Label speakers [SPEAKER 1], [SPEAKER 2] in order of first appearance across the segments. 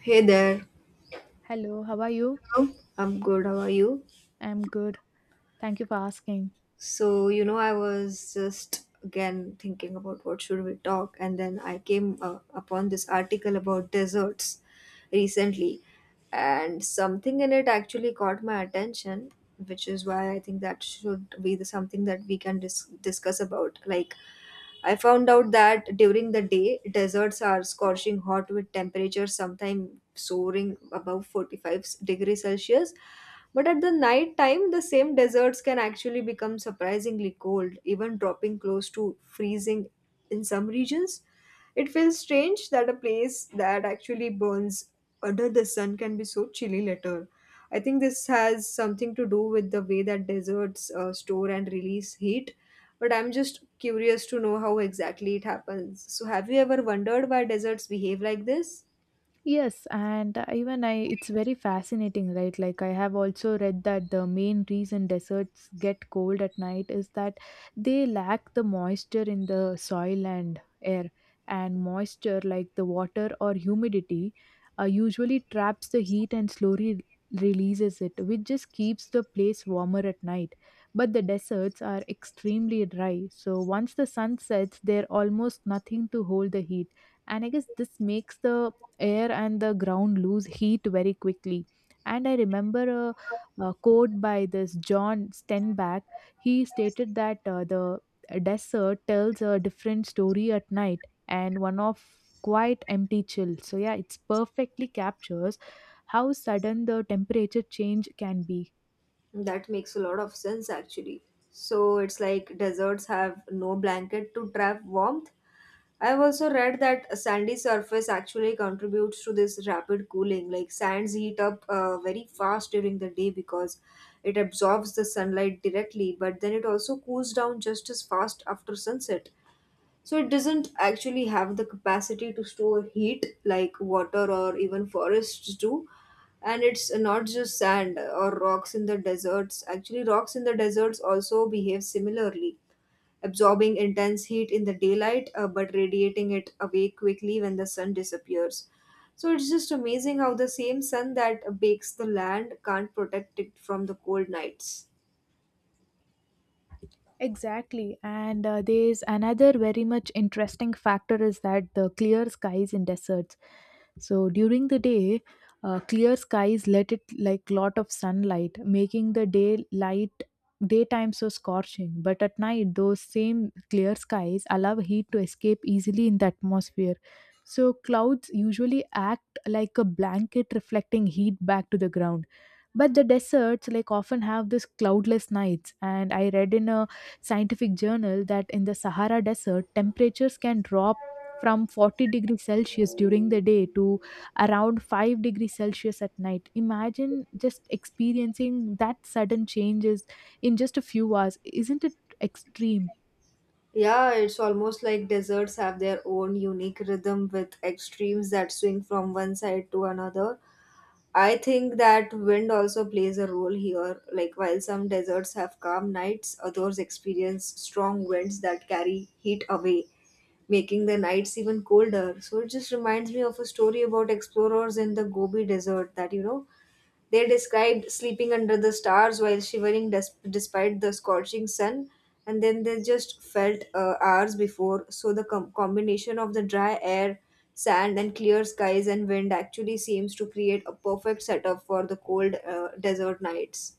[SPEAKER 1] Hey there.
[SPEAKER 2] Hello, how are you?
[SPEAKER 1] Hello. I'm good. How are you?
[SPEAKER 2] I'm good. Thank you for asking.
[SPEAKER 1] So, I was just again thinking about what should we talk, and then I came upon this article about desserts recently, and something in it actually caught my attention, which is why I think that should be the something that we can discuss about. Like, I found out that during the day, deserts are scorching hot with temperatures sometimes soaring above 45 degrees Celsius. But at the night time, the same deserts can actually become surprisingly cold, even dropping close to freezing in some regions. It feels strange that a place that actually burns under the sun can be so chilly later. I think this has something to do with the way that deserts store and release heat, but I'm just curious to know how exactly it happens. So, have you ever wondered why deserts behave like this?
[SPEAKER 2] Yes, and even I, it's very fascinating, right? Like, I have also read that the main reason deserts get cold at night is that they lack the moisture in the soil and air. And moisture, like the water or humidity, usually traps the heat and slowly releases it, which just keeps the place warmer at night. But the deserts are extremely dry, so once the sun sets, there's almost nothing to hold the heat. And I guess this makes the air and the ground lose heat very quickly. And I remember a quote by this John Steinbeck. He stated that the desert tells a different story at night and one of quite empty chill. So yeah, it's perfectly captures how sudden the temperature change can be.
[SPEAKER 1] That makes a lot of sense actually. So, it's like deserts have no blanket to trap warmth. I've also read that a sandy surface actually contributes to this rapid cooling. Like, sands heat up very fast during the day because it absorbs the sunlight directly, but then it also cools down just as fast after sunset. So it doesn't actually have the capacity to store heat like water or even forests do. And it's not just sand or rocks in the deserts. Actually, rocks in the deserts also behave similarly, absorbing intense heat in the daylight but radiating it away quickly when the sun disappears. So it's just amazing how the same sun that bakes the land can't protect it from the cold nights.
[SPEAKER 2] Exactly, and there's another very much interesting factor is that the clear skies in deserts. So during the day, clear skies let it like lot of sunlight, making the daytime so scorching. But at night, those same clear skies allow heat to escape easily in the atmosphere. So clouds usually act like a blanket reflecting heat back to the ground. But the deserts like often have this cloudless nights, and I read in a scientific journal that in the Sahara desert temperatures can drop from 40 degrees celsius during the day to around 5 degrees celsius at night. Imagine just experiencing that sudden changes in just a few hours. Isn't it extreme?
[SPEAKER 1] Yeah, it's almost like deserts have their own unique rhythm with extremes that swing from one side to another. I think that wind also plays a role here. Like, while some deserts have calm nights, others experience strong winds that carry heat away, making the nights even colder. So, it just reminds me of a story about explorers in the Gobi Desert that, they described sleeping under the stars while shivering despite the scorching sun, and then they just felt hours before. So, the combination of the dry air, sand, and clear skies and wind actually seems to create a perfect setup for the cold desert nights.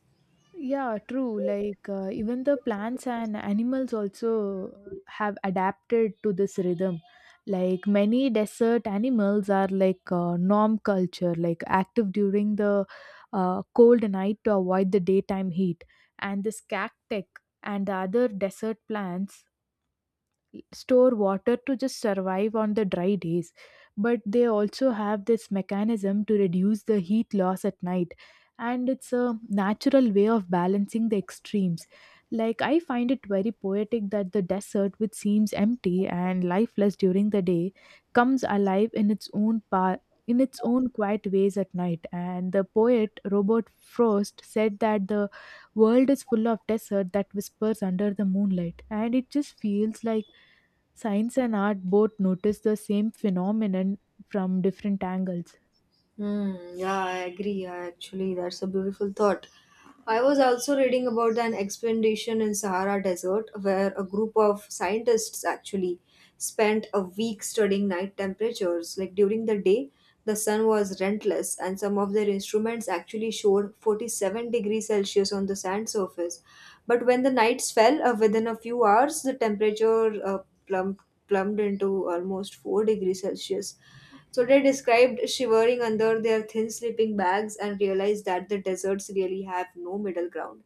[SPEAKER 2] Yeah, true. Like even the plants and animals also have adapted to this rhythm. Like many desert animals are like norm culture, like active during the cold night to avoid the daytime heat. And this cactus and the other desert plants store water to just survive on the dry days, but they also have this mechanism to reduce the heat loss at night. And it's a natural way of balancing the extremes. Like I find it very poetic that the desert, which seems empty and lifeless during the day, comes alive in its own path, in its own quiet ways at night. And the poet Robert Frost said that the world is full of desert that whispers under the moonlight. And it just feels like science and art both notice the same phenomenon from different angles.
[SPEAKER 1] Hmm, yeah, I agree. I actually, that's a beautiful thought. I was also reading about an expedition in Sahara Desert where a group of scientists actually spent a week studying night temperatures. Like during the day, the sun was relentless, and some of their instruments actually showed 47 degrees Celsius on the sand surface. But when the nights fell, within a few hours, the temperature plumb- plumbed into almost 4 degrees Celsius, so they described shivering under their thin sleeping bags and realized that the deserts really have no middle ground.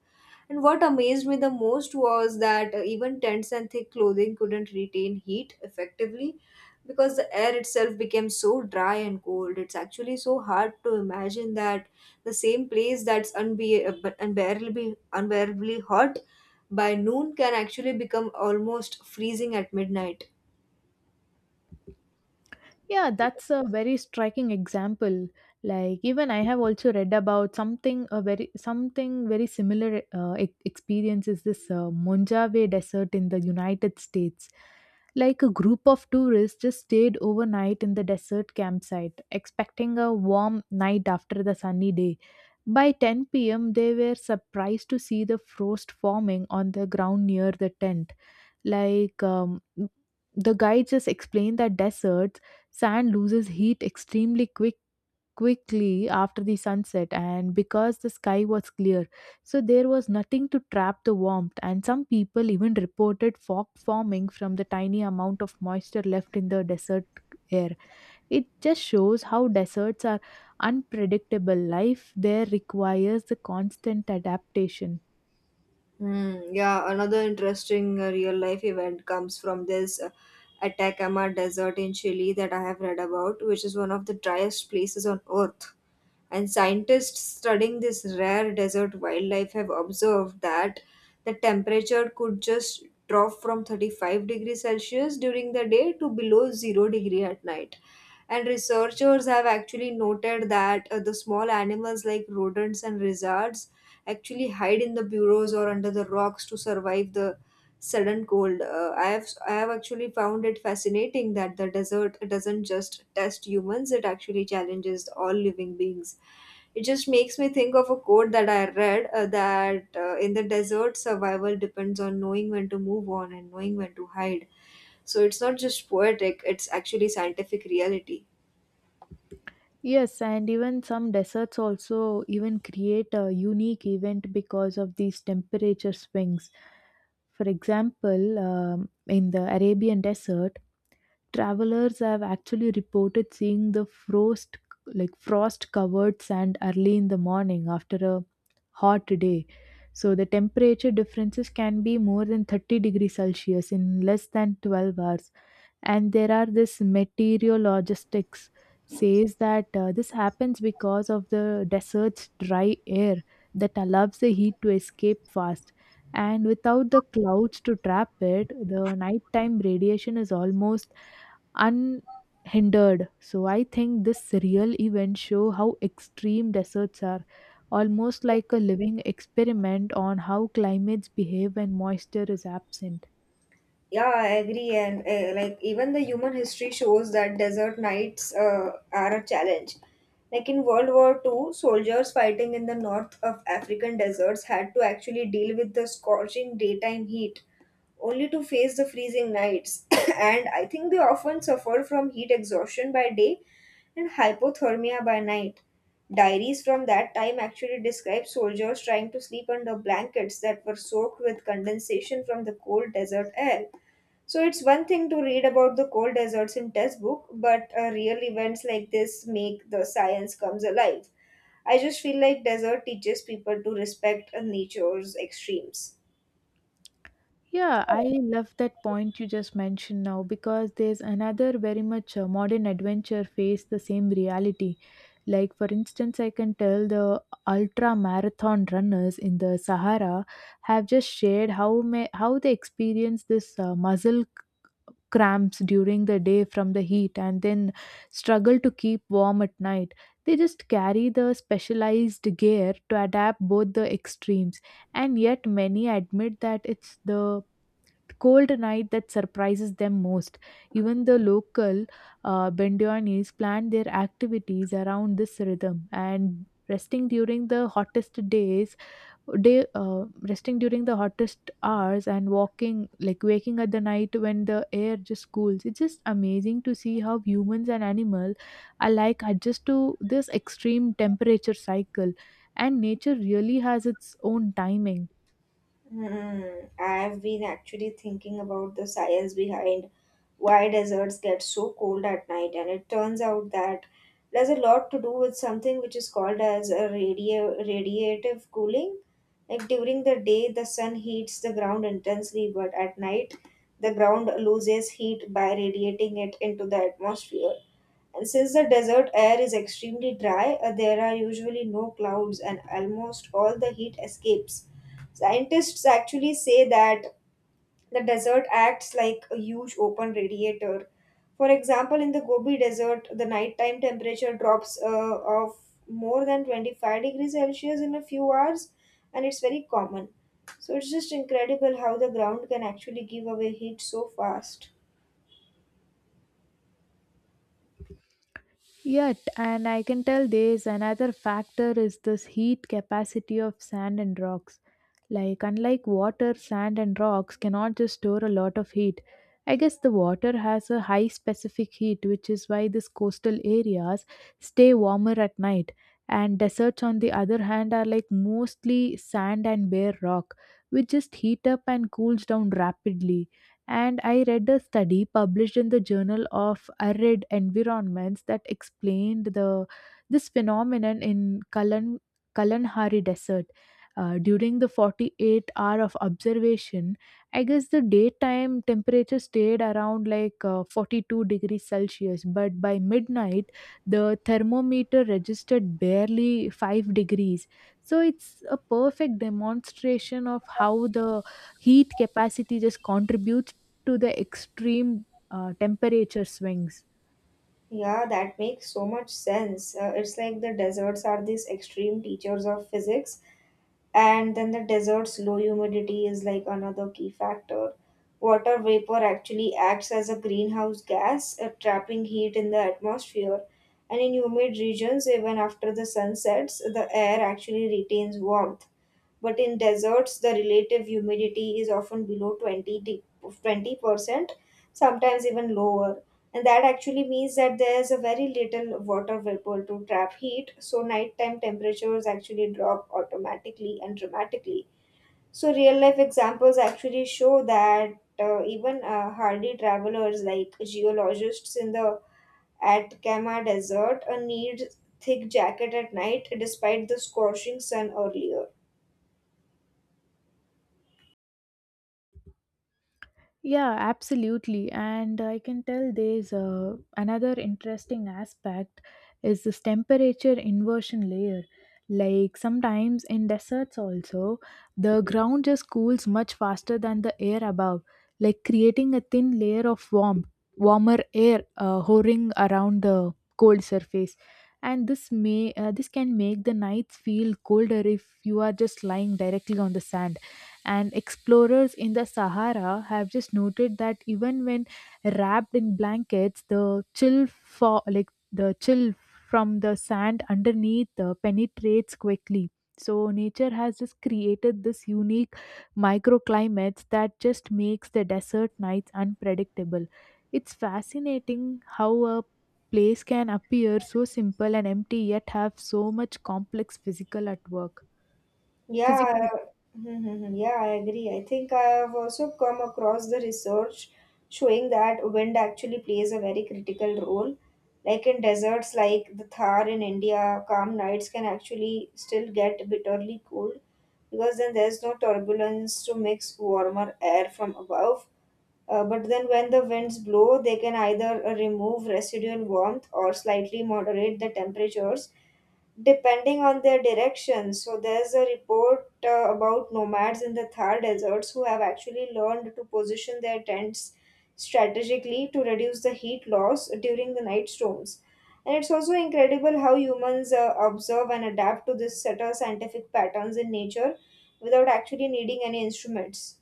[SPEAKER 1] And what amazed me the most was that even tents and thick clothing couldn't retain heat effectively because the air itself became so dry and cold. It's actually so hard to imagine that the same place that's unbearably hot by noon can actually become almost freezing at midnight.
[SPEAKER 2] Yeah, that's a very striking example. Like even I have also read about something a very something very similar experience is this Mojave Desert in the United States. Like a group of tourists just stayed overnight in the desert campsite, expecting a warm night after the sunny day. By 10 p.m., they were surprised to see the frost forming on the ground near the tent. Like the guide just explained that deserts sand loses heat extremely quickly after the sunset, and because the sky was clear, so there was nothing to trap the warmth. And some people even reported fog forming from the tiny amount of moisture left in the desert air. It just shows how deserts are unpredictable. Life there requires the constant adaptation.
[SPEAKER 1] Hmm. Yeah, another interesting real life event comes from this Atacama Desert in Chile that I have read about, which is one of the driest places on earth. And scientists studying this rare desert wildlife have observed that the temperature could just drop from 35 degrees Celsius during the day to below 0 degree at night. And researchers have actually noted that the small animals like rodents and lizards actually hide in the burrows or under the rocks to survive the sudden cold. I have actually found it fascinating that the desert doesn't just test humans; it actually challenges all living beings. It just makes me think of a quote that I read that in the desert, survival depends on knowing when to move on and knowing when to hide. So it's not just poetic; it's actually scientific reality.
[SPEAKER 2] Yes, and even some deserts also even create a unique event because of these temperature swings. For example, in the Arabian desert, travelers have actually reported seeing the frost covered sand early in the morning after a hot day. So the temperature differences can be more than 30 degrees Celsius in less than 12 hours. And there are this meteorologists says that this happens because of the desert's dry air that allows the heat to escape fast. And without the clouds to trap it, the nighttime radiation is almost unhindered. So I think this real event show how extreme deserts are, almost like a living experiment on how climates behave when moisture is absent.
[SPEAKER 1] Yeah, I agree. And like even the human history shows that desert nights are a challenge. Like in World War Two, soldiers fighting in the north of African deserts had to actually deal with the scorching daytime heat, only to face the freezing nights. And I think they often suffered from heat exhaustion by day and hypothermia by night. Diaries from that time actually describe soldiers trying to sleep under blankets that were soaked with condensation from the cold desert air. So it's one thing to read about the cold deserts in textbook, but real events like this make the science comes alive. I just feel like desert teaches people to respect nature's extremes.
[SPEAKER 2] Yeah, I love that point you just mentioned now, because there's another very much modern adventure face the same reality. Like, for instance, I can tell the ultra marathon runners in the Sahara have just shared how they experience this cramps during the day from the heat, and then struggle to keep warm at night. They just carry the specialized gear to adapt both the extremes, and yet many admit that it's the cold night that surprises them most. Even the local Bendianis plan their activities around this rhythm, and resting during the hottest hours and walking like waking at the night when the air just cools. It's just amazing to see how humans and animal alike adjust to this extreme temperature cycle, and nature really has its own timing.
[SPEAKER 1] Hmm. I've been actually thinking about the science behind why deserts get so cold at night, and it turns out that there's a lot to do with something which is called as a radio radiative cooling. Like during the day, the sun heats the ground intensely, but at night, the ground loses heat by radiating it into the atmosphere. And since the desert air is extremely dry, there are usually no clouds and almost all the heat escapes. Scientists actually say that the desert acts like a huge open radiator. For example, in the Gobi Desert, the nighttime temperature drops of more than 25 degrees Celsius in a few hours, and it's very common. So it's just incredible how the ground can actually give away heat so fast.
[SPEAKER 2] Yet, and I can tell there is another factor is this heat capacity of sand and rocks. Like, unlike water, sand and rocks cannot just store a lot of heat. I guess the water has a high specific heat, which is why these coastal areas stay warmer at night. And deserts, on the other hand, are like mostly sand and bare rock, which just heat up and cools down rapidly. And I read a study published in the Journal of Arid Environments that explained the this phenomenon in Kalanhari Desert. During the 48 hour of observation, I guess the daytime temperature stayed around like 42 degrees Celsius, but by midnight, the thermometer registered barely 5 degrees. So it's a perfect demonstration of how the heat capacity just contributes to the extreme temperature swings.
[SPEAKER 1] Yeah, that makes so much sense. It's like the deserts are these extreme teachers of physics, and then the desert's low humidity is like another key factor. Water vapor actually acts as a greenhouse gas, trapping heat in the atmosphere. And in humid regions, even after the sun sets, the air actually retains warmth. But in deserts, the relative humidity is often 20%, sometimes even lower. And that actually means that there's a very little water vapor to trap heat, so nighttime temperatures actually drop automatically and dramatically. So, real life examples actually show that even hardy travelers like geologists in the Atacama Desert need thick jacket at night despite the scorching sun earlier.
[SPEAKER 2] Yeah, absolutely. And I can tell there's another interesting aspect is this temperature inversion layer. Like sometimes in deserts also, the ground just cools much faster than the air above, like creating a thin layer of warmer air hovering around the cold surface. And this can make the nights feel colder if you are just lying directly on the sand. And explorers in the Sahara have just noted that even when wrapped in blankets, the chill from the sand underneath penetrates quickly. So nature has just created this unique microclimates that just makes the desert nights unpredictable. It's fascinating how a place can appear so simple and empty, yet have so much complex physical at work. Physics.
[SPEAKER 1] Yeah, mhm, mhm. Yeah, I agree. I think I have also come across the research showing that wind actually plays a very critical role. Like in deserts like the Thar in India, calm nights can actually still get bitterly cold because then there's no turbulence to mix warmer air from above. But then when the winds blow, they can either remove residual warmth or slightly moderate the temperatures depending on their direction. So there's a report about nomads in the Thar deserts who have actually learned to position their tents strategically to reduce the heat loss during the night storms. And it's also incredible how humans observe and adapt to this set of scientific patterns in nature without actually needing any instruments.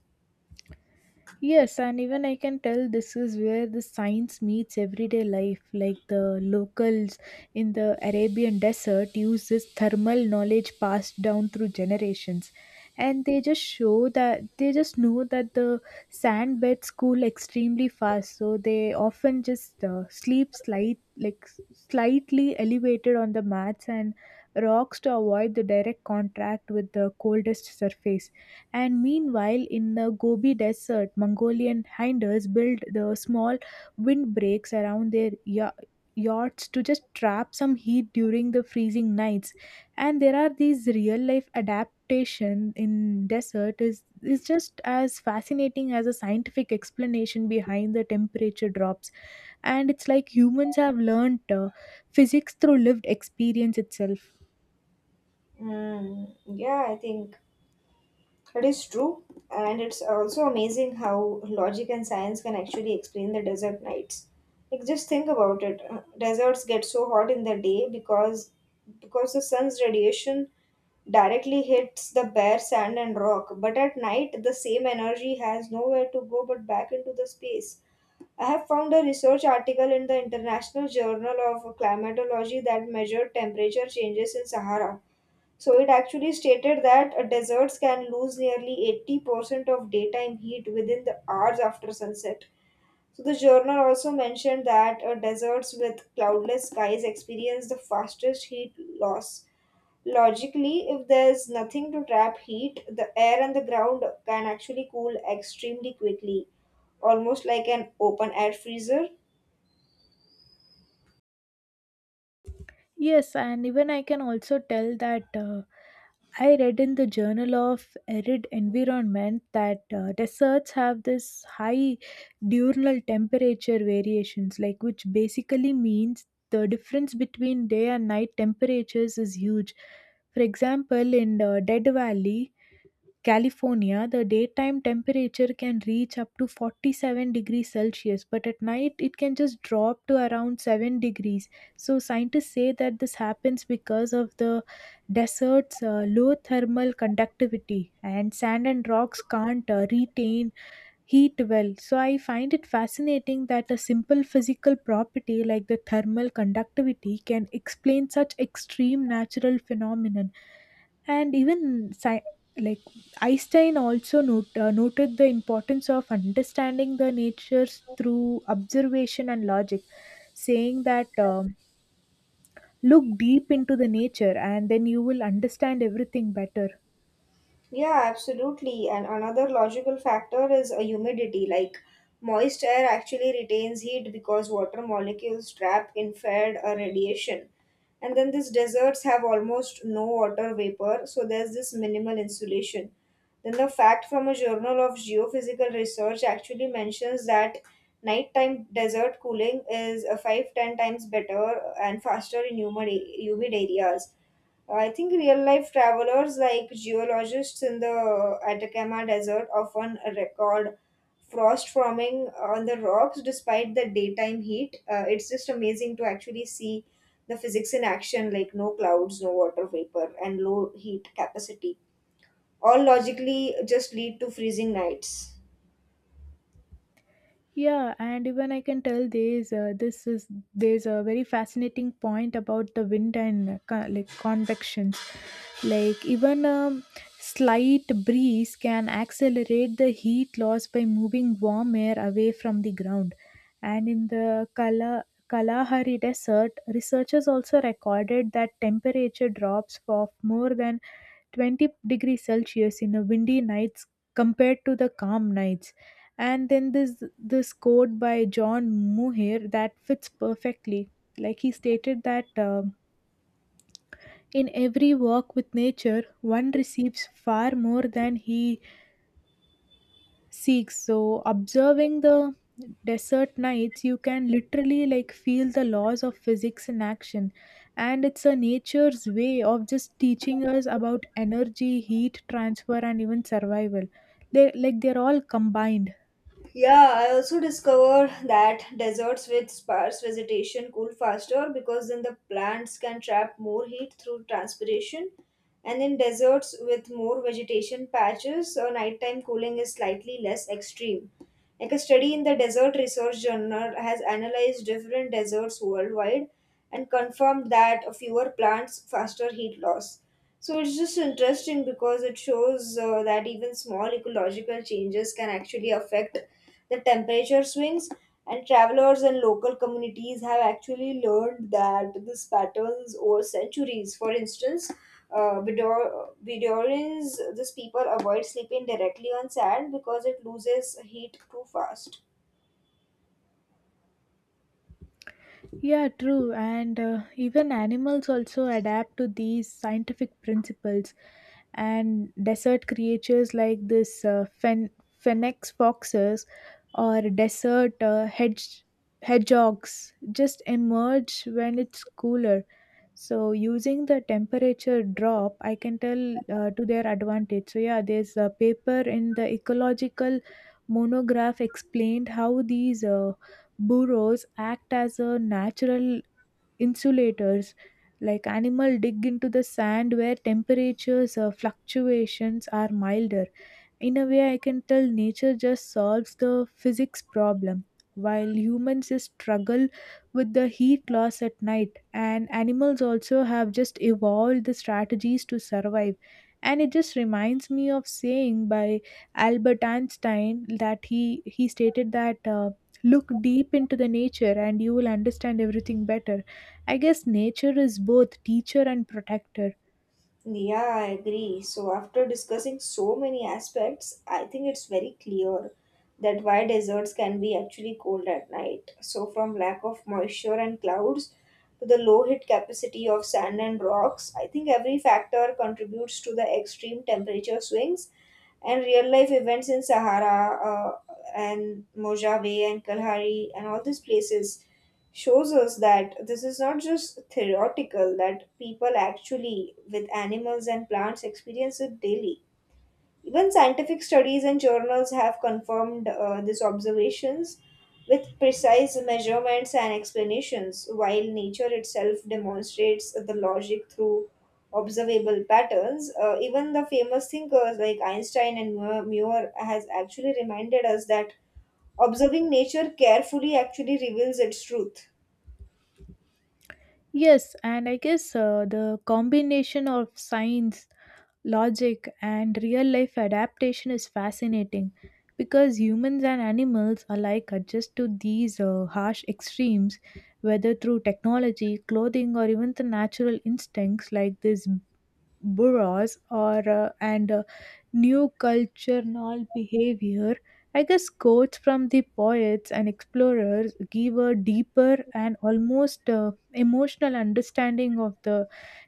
[SPEAKER 2] Yes, and even I can tell this is where the science meets everyday life. Like the locals in the Arabian desert use this thermal knowledge passed down through generations. And they just show that they just know that the sand beds cool extremely fast, so they often just sleep slight like s- slightly elevated on the mats and rocks to avoid the direct contact with the coldest surface. And meanwhile, in the Gobi Desert, Mongolian hinders built the small windbreaks around their yachts to just trap some heat during the freezing nights. And there are these real life adaptation in desert is just as fascinating as a scientific explanation behind the temperature drops. And it's like humans have learned physics through lived experience itself.
[SPEAKER 1] Mm, yeah, I think it is true, and it's also amazing how logic and science can actually explain the desert nights. Like just think about it. Deserts get so hot in the day because the sun's radiation directly hits the bare sand and rock, but at night the same energy has nowhere to go but back into the space. I have found a research article in the International Journal of Climatology that measured temperature changes in Sahara, so it actually stated that deserts can lose nearly 80% of daytime heat within the hours after sunset. So the journal also mentioned that deserts with cloudless skies experience the fastest heat loss. Logically, if there's nothing to trap heat, the air and the ground can actually cool extremely quickly, almost like an open air freezer.
[SPEAKER 2] Yes, and even I can also tell that I read in the Journal of Arid Environment that deserts have this high diurnal temperature variations, like which basically means the difference between day and night temperatures is huge. For example, in the Dead Valley, California, the daytime temperature can reach up to 47 degrees Celsius, but at night it can just drop to around 7 degrees. So, scientists say that this happens because of the desert's low thermal conductivity, and sand and rocks can't retain heat well. So I find it fascinating that a simple physical property like the thermal conductivity can explain such extreme natural phenomenon. And even sci- like Einstein also noted the importance of understanding the natures through observation and logic, saying that look deep into the nature and then you will understand everything better.
[SPEAKER 1] Yeah, absolutely. And another logical factor is a humidity. Like, moist air actually retains heat because water molecules trap infrared radiation. And then these deserts have almost no water vapor, so there's this minimal insulation. Then the fact from a journal of geophysical research actually mentions that nighttime desert cooling is 5 10 times better and faster in humid areas. I think real life travelers like geologists in the Atacama Desert often record frost forming on the rocks despite the daytime heat. It's just amazing to actually see the physics in action, like no clouds, no water vapor, and low heat capacity. All logically just lead to freezing nights.
[SPEAKER 2] Yeah, and even I can tell there's this is there's a very fascinating point about the wind and convections. Like even a slight breeze can accelerate the heat loss by moving warm air away from the ground. And in the Kalahari Desert, researchers also recorded that temperature drops of more than 20 degrees celsius in a windy nights compared to the calm nights. And then this quote by John Muir that fits perfectly. Like he stated that in every walk with nature, one receives far more than he seeks. So observing the desert nights, you can literally like feel the laws of physics in action. And it's a nature's way of just teaching us about energy, heat transfer, and even survival. They're all combined.
[SPEAKER 1] Yeah, I also discovered that deserts with sparse vegetation cool faster because then the plants can trap more heat through transpiration. And in deserts with more vegetation patches, nighttime cooling is slightly less extreme. Like a study in the Desert Research Journal has analyzed different deserts worldwide and confirmed that fewer plants, faster heat loss. So it's just interesting because it shows that even small ecological changes can actually affect the temperature swings and travelers and local communities have actually learned that this pattern is over centuries. For instance, Vidorins, these people avoid sleeping directly on sand because it loses heat too fast.
[SPEAKER 2] Yeah, true. And even animals also adapt to these scientific principles. And desert creatures like this phoenix foxes or desert hedgehogs just emerge when it's cooler. So, using the temperature drop, I can tell to their advantage. So, yeah, there's a paper in the ecological monograph explained how these. Burrows act as a natural insulators like animal dig into the sand where temperatures fluctuations are milder in a way. I can tell nature just solves the physics problem, while humans just struggle with the heat loss at night. And animals also have just evolved the strategies to survive. And it just reminds me of saying by Albert Einstein that he stated that look deep into the nature and you will understand everything better. I guess nature is both teacher and protector.
[SPEAKER 1] Yeah, I agree. So, after discussing so many aspects, I think it's very clear that why deserts can be actually cold at night. So, from lack of moisture and clouds to the low heat capacity of sand and rocks, I think every factor contributes to the extreme temperature swings and real life events in Sahara uh, and Mojave and Kalahari and all these places shows us that this is not just theoretical, that people actually, with animals and plants, experience it daily. Even scientific studies and journals have confirmed these observations with precise measurements and explanations, while nature itself demonstrates the logic through observable patterns. Even the famous thinkers like Einstein and Muir has actually reminded us that observing nature carefully actually reveals its truth.
[SPEAKER 2] Yes, and I guess the combination of science, logic, and real life adaptation is fascinating because humans and animals alike adjust to these harsh extremes, whether through technology, clothing, or even the natural instincts like this boroughs or and new cultural behavior. I guess quotes from the poets and explorers give a deeper and almost emotional understanding of the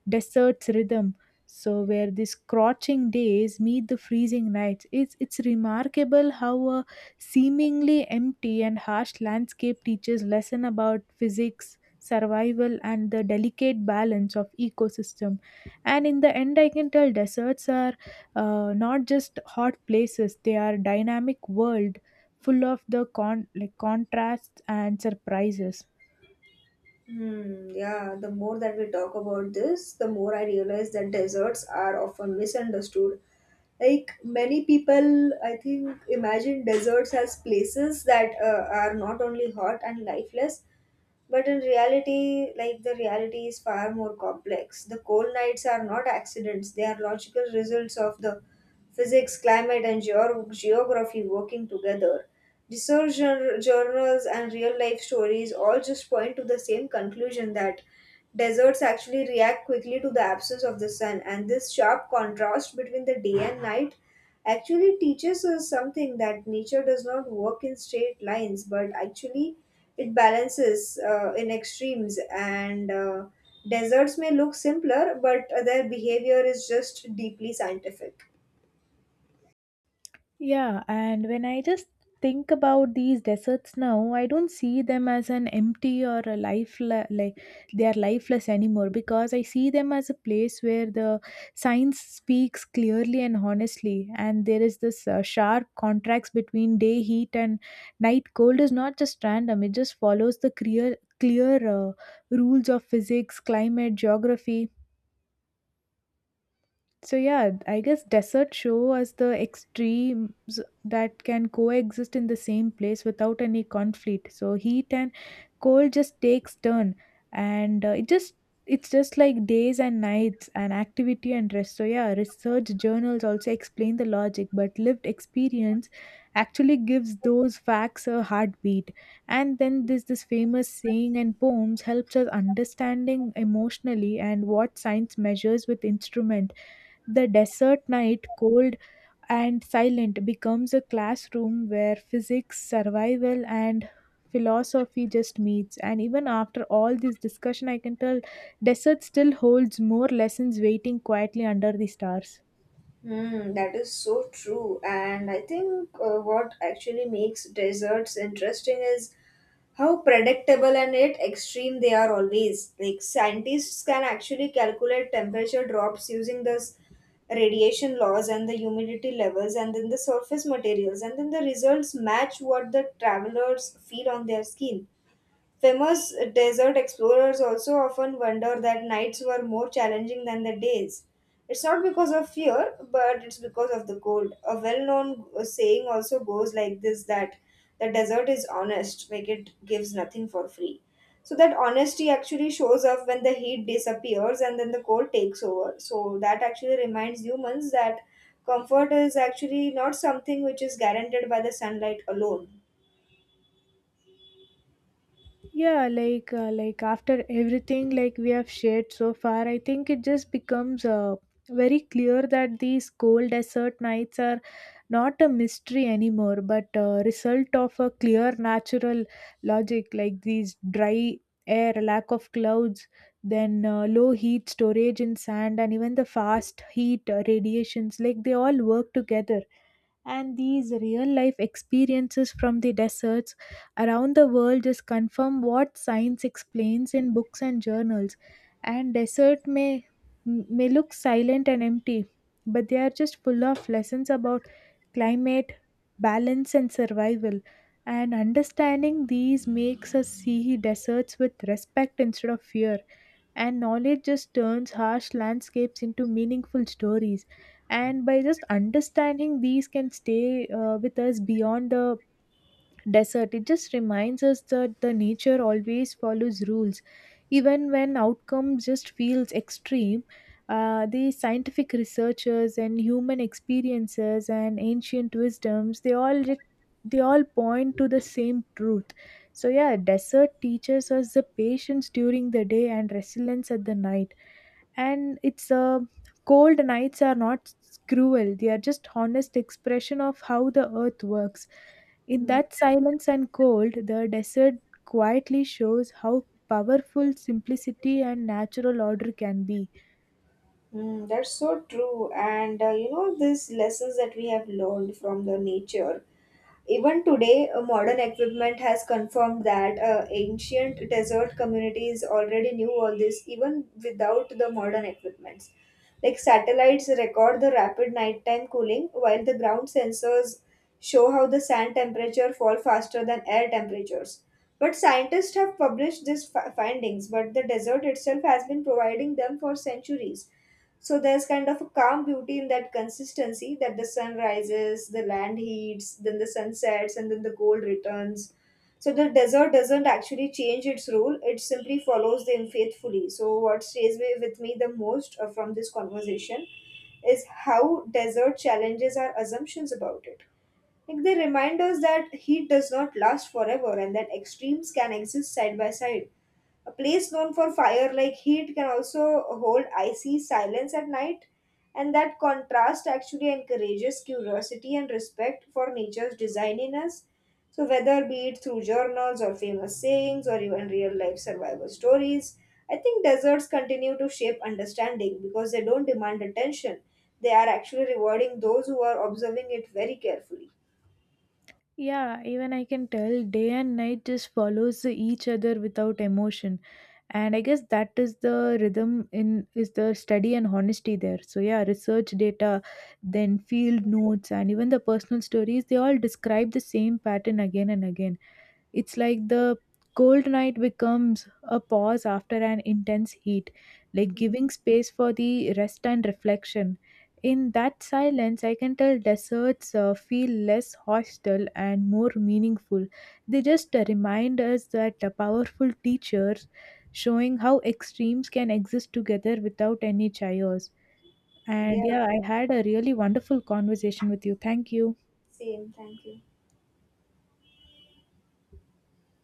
[SPEAKER 2] desert's rhythm. So where these scorching days meet the freezing nights, it's remarkable how a seemingly empty and harsh landscape teaches lesson about physics, survival, and the delicate balance of ecosystem. And in the end, I can tell deserts are not just hot places. They are dynamic world full of the contrasts and surprises.
[SPEAKER 1] Hmm, yeah, the more that we talk about this, the more I realize that deserts are often misunderstood. Like many people, I think, imagine deserts as places that are not only hot and lifeless, but in reality, like the reality is far more complex. The cold nights are not accidents, they are logical results of the physics, climate, and geography working together. Research journals and real life stories all just point to the same conclusion that deserts actually react quickly to the absence of the sun, and this sharp contrast between the day and night actually teaches us something that nature does not work in straight lines, but actually it balances in extremes. And deserts may look simpler, but their behavior is just deeply scientific.
[SPEAKER 2] Yeah, and when I just think about these deserts now, I don't see them as an empty or a lifeless, like they are lifeless anymore, because I see them as a place where the science speaks clearly and honestly, and there is this sharp contrast between day heat and night cold is not just random; it just follows the clear rules of physics, climate, geography. So yeah, I guess deserts show us the extremes that can coexist in the same place without any conflict. So heat and cold just takes turn, and it's just like days and nights and activity and rest. So yeah, research journals also explain the logic, but lived experience actually gives those facts a heartbeat. And then this famous saying and poems helps us understanding emotionally and what science measures with instrument. The desert night, cold and silent, becomes a classroom where physics, survival, and philosophy just meets. And even after all this discussion, I can tell desert still holds more lessons waiting quietly under the stars.
[SPEAKER 1] Hmm, that is so true. And I think what actually makes deserts interesting is how predictable and yet extreme they are always. Like scientists can actually calculate temperature drops using this radiation laws and the humidity levels and then the surface materials and then the results match what the travelers feel on their skin. Famous desert explorers also often wonder that nights were more challenging than the days. It's not because of fear, but it's because of the cold. A well known saying also goes like this that the desert is honest, like it gives nothing for free. So that honesty actually shows up when the heat disappears and then the cold takes over. So that actually reminds humans that comfort is actually not something which is guaranteed by the sunlight alone.
[SPEAKER 2] Yeah, like after everything, like we have shared so far, I think it just becomes very clear that these cold desert nights are not a mystery anymore, but a result of a clear natural logic, like these dry air, lack of clouds, then low heat storage in sand, and even the fast heat radiations, like they all work together. And these real life experiences from the deserts around the world just confirm what science explains in books and journals. And desert may look silent and empty, but they are just full of lessons about climate, balance, and survival. And understanding these makes us see deserts with respect instead of fear, and knowledge just turns harsh landscapes into meaningful stories, and by just understanding these can stay with us beyond the desert. It just reminds us that the nature always follows rules even when outcomes just feels extreme. The scientific researchers and human experiences and ancient wisdoms, they all point to the same truth. So yeah, desert teaches us the patience during the day and resilience at the night. And it's cold nights are not cruel. They are just honest expression of how the earth works. In that silence and cold, the desert quietly shows how powerful simplicity and natural order can be.
[SPEAKER 1] Mm, that's so true. And you know, these lessons that we have learned from the nature. Even today, modern equipment has confirmed that ancient desert communities already knew all this, even without the modern equipments. Like satellites record the rapid nighttime cooling, while the ground sensors show how the sand temperature fall faster than air temperatures. But scientists have published these findings, but the desert itself has been providing them for centuries, so there's kind of a calm beauty in that consistency that the sun rises, the land heats, then the sun sets, and then the gold returns. So the desert doesn't actually change its role, it simply follows them faithfully. So, what stays with me the most from this conversation is how desert challenges our assumptions about it. Like they remind us that heat does not last forever and that extremes can exist side by side. A place known for fire like heat can also hold icy silence at night, and that contrast actually encourages curiosity and respect for nature's design in us. So, whether be it through journals or famous sayings or even real life survival stories, I think deserts continue to shape understanding because they don't demand attention. They are actually rewarding those who are observing it very carefully.
[SPEAKER 2] Yeah, even I can tell day and night just follows each other without emotion. And I guess that is the rhythm in is the study and honesty there. So yeah, research data, then field notes, and even the personal stories, they all describe the same pattern again and again. It's like the cold night becomes a pause after an intense heat, like giving space for the rest and reflection. In that silence, I can tell deserts feel less hostile and more meaningful. They just remind us that powerful teachers showing how extremes can exist together without any chaos.
[SPEAKER 1] Yeah,
[SPEAKER 2] And yeah, I had a really wonderful conversation with you. Thank you.
[SPEAKER 1] same. Thank you.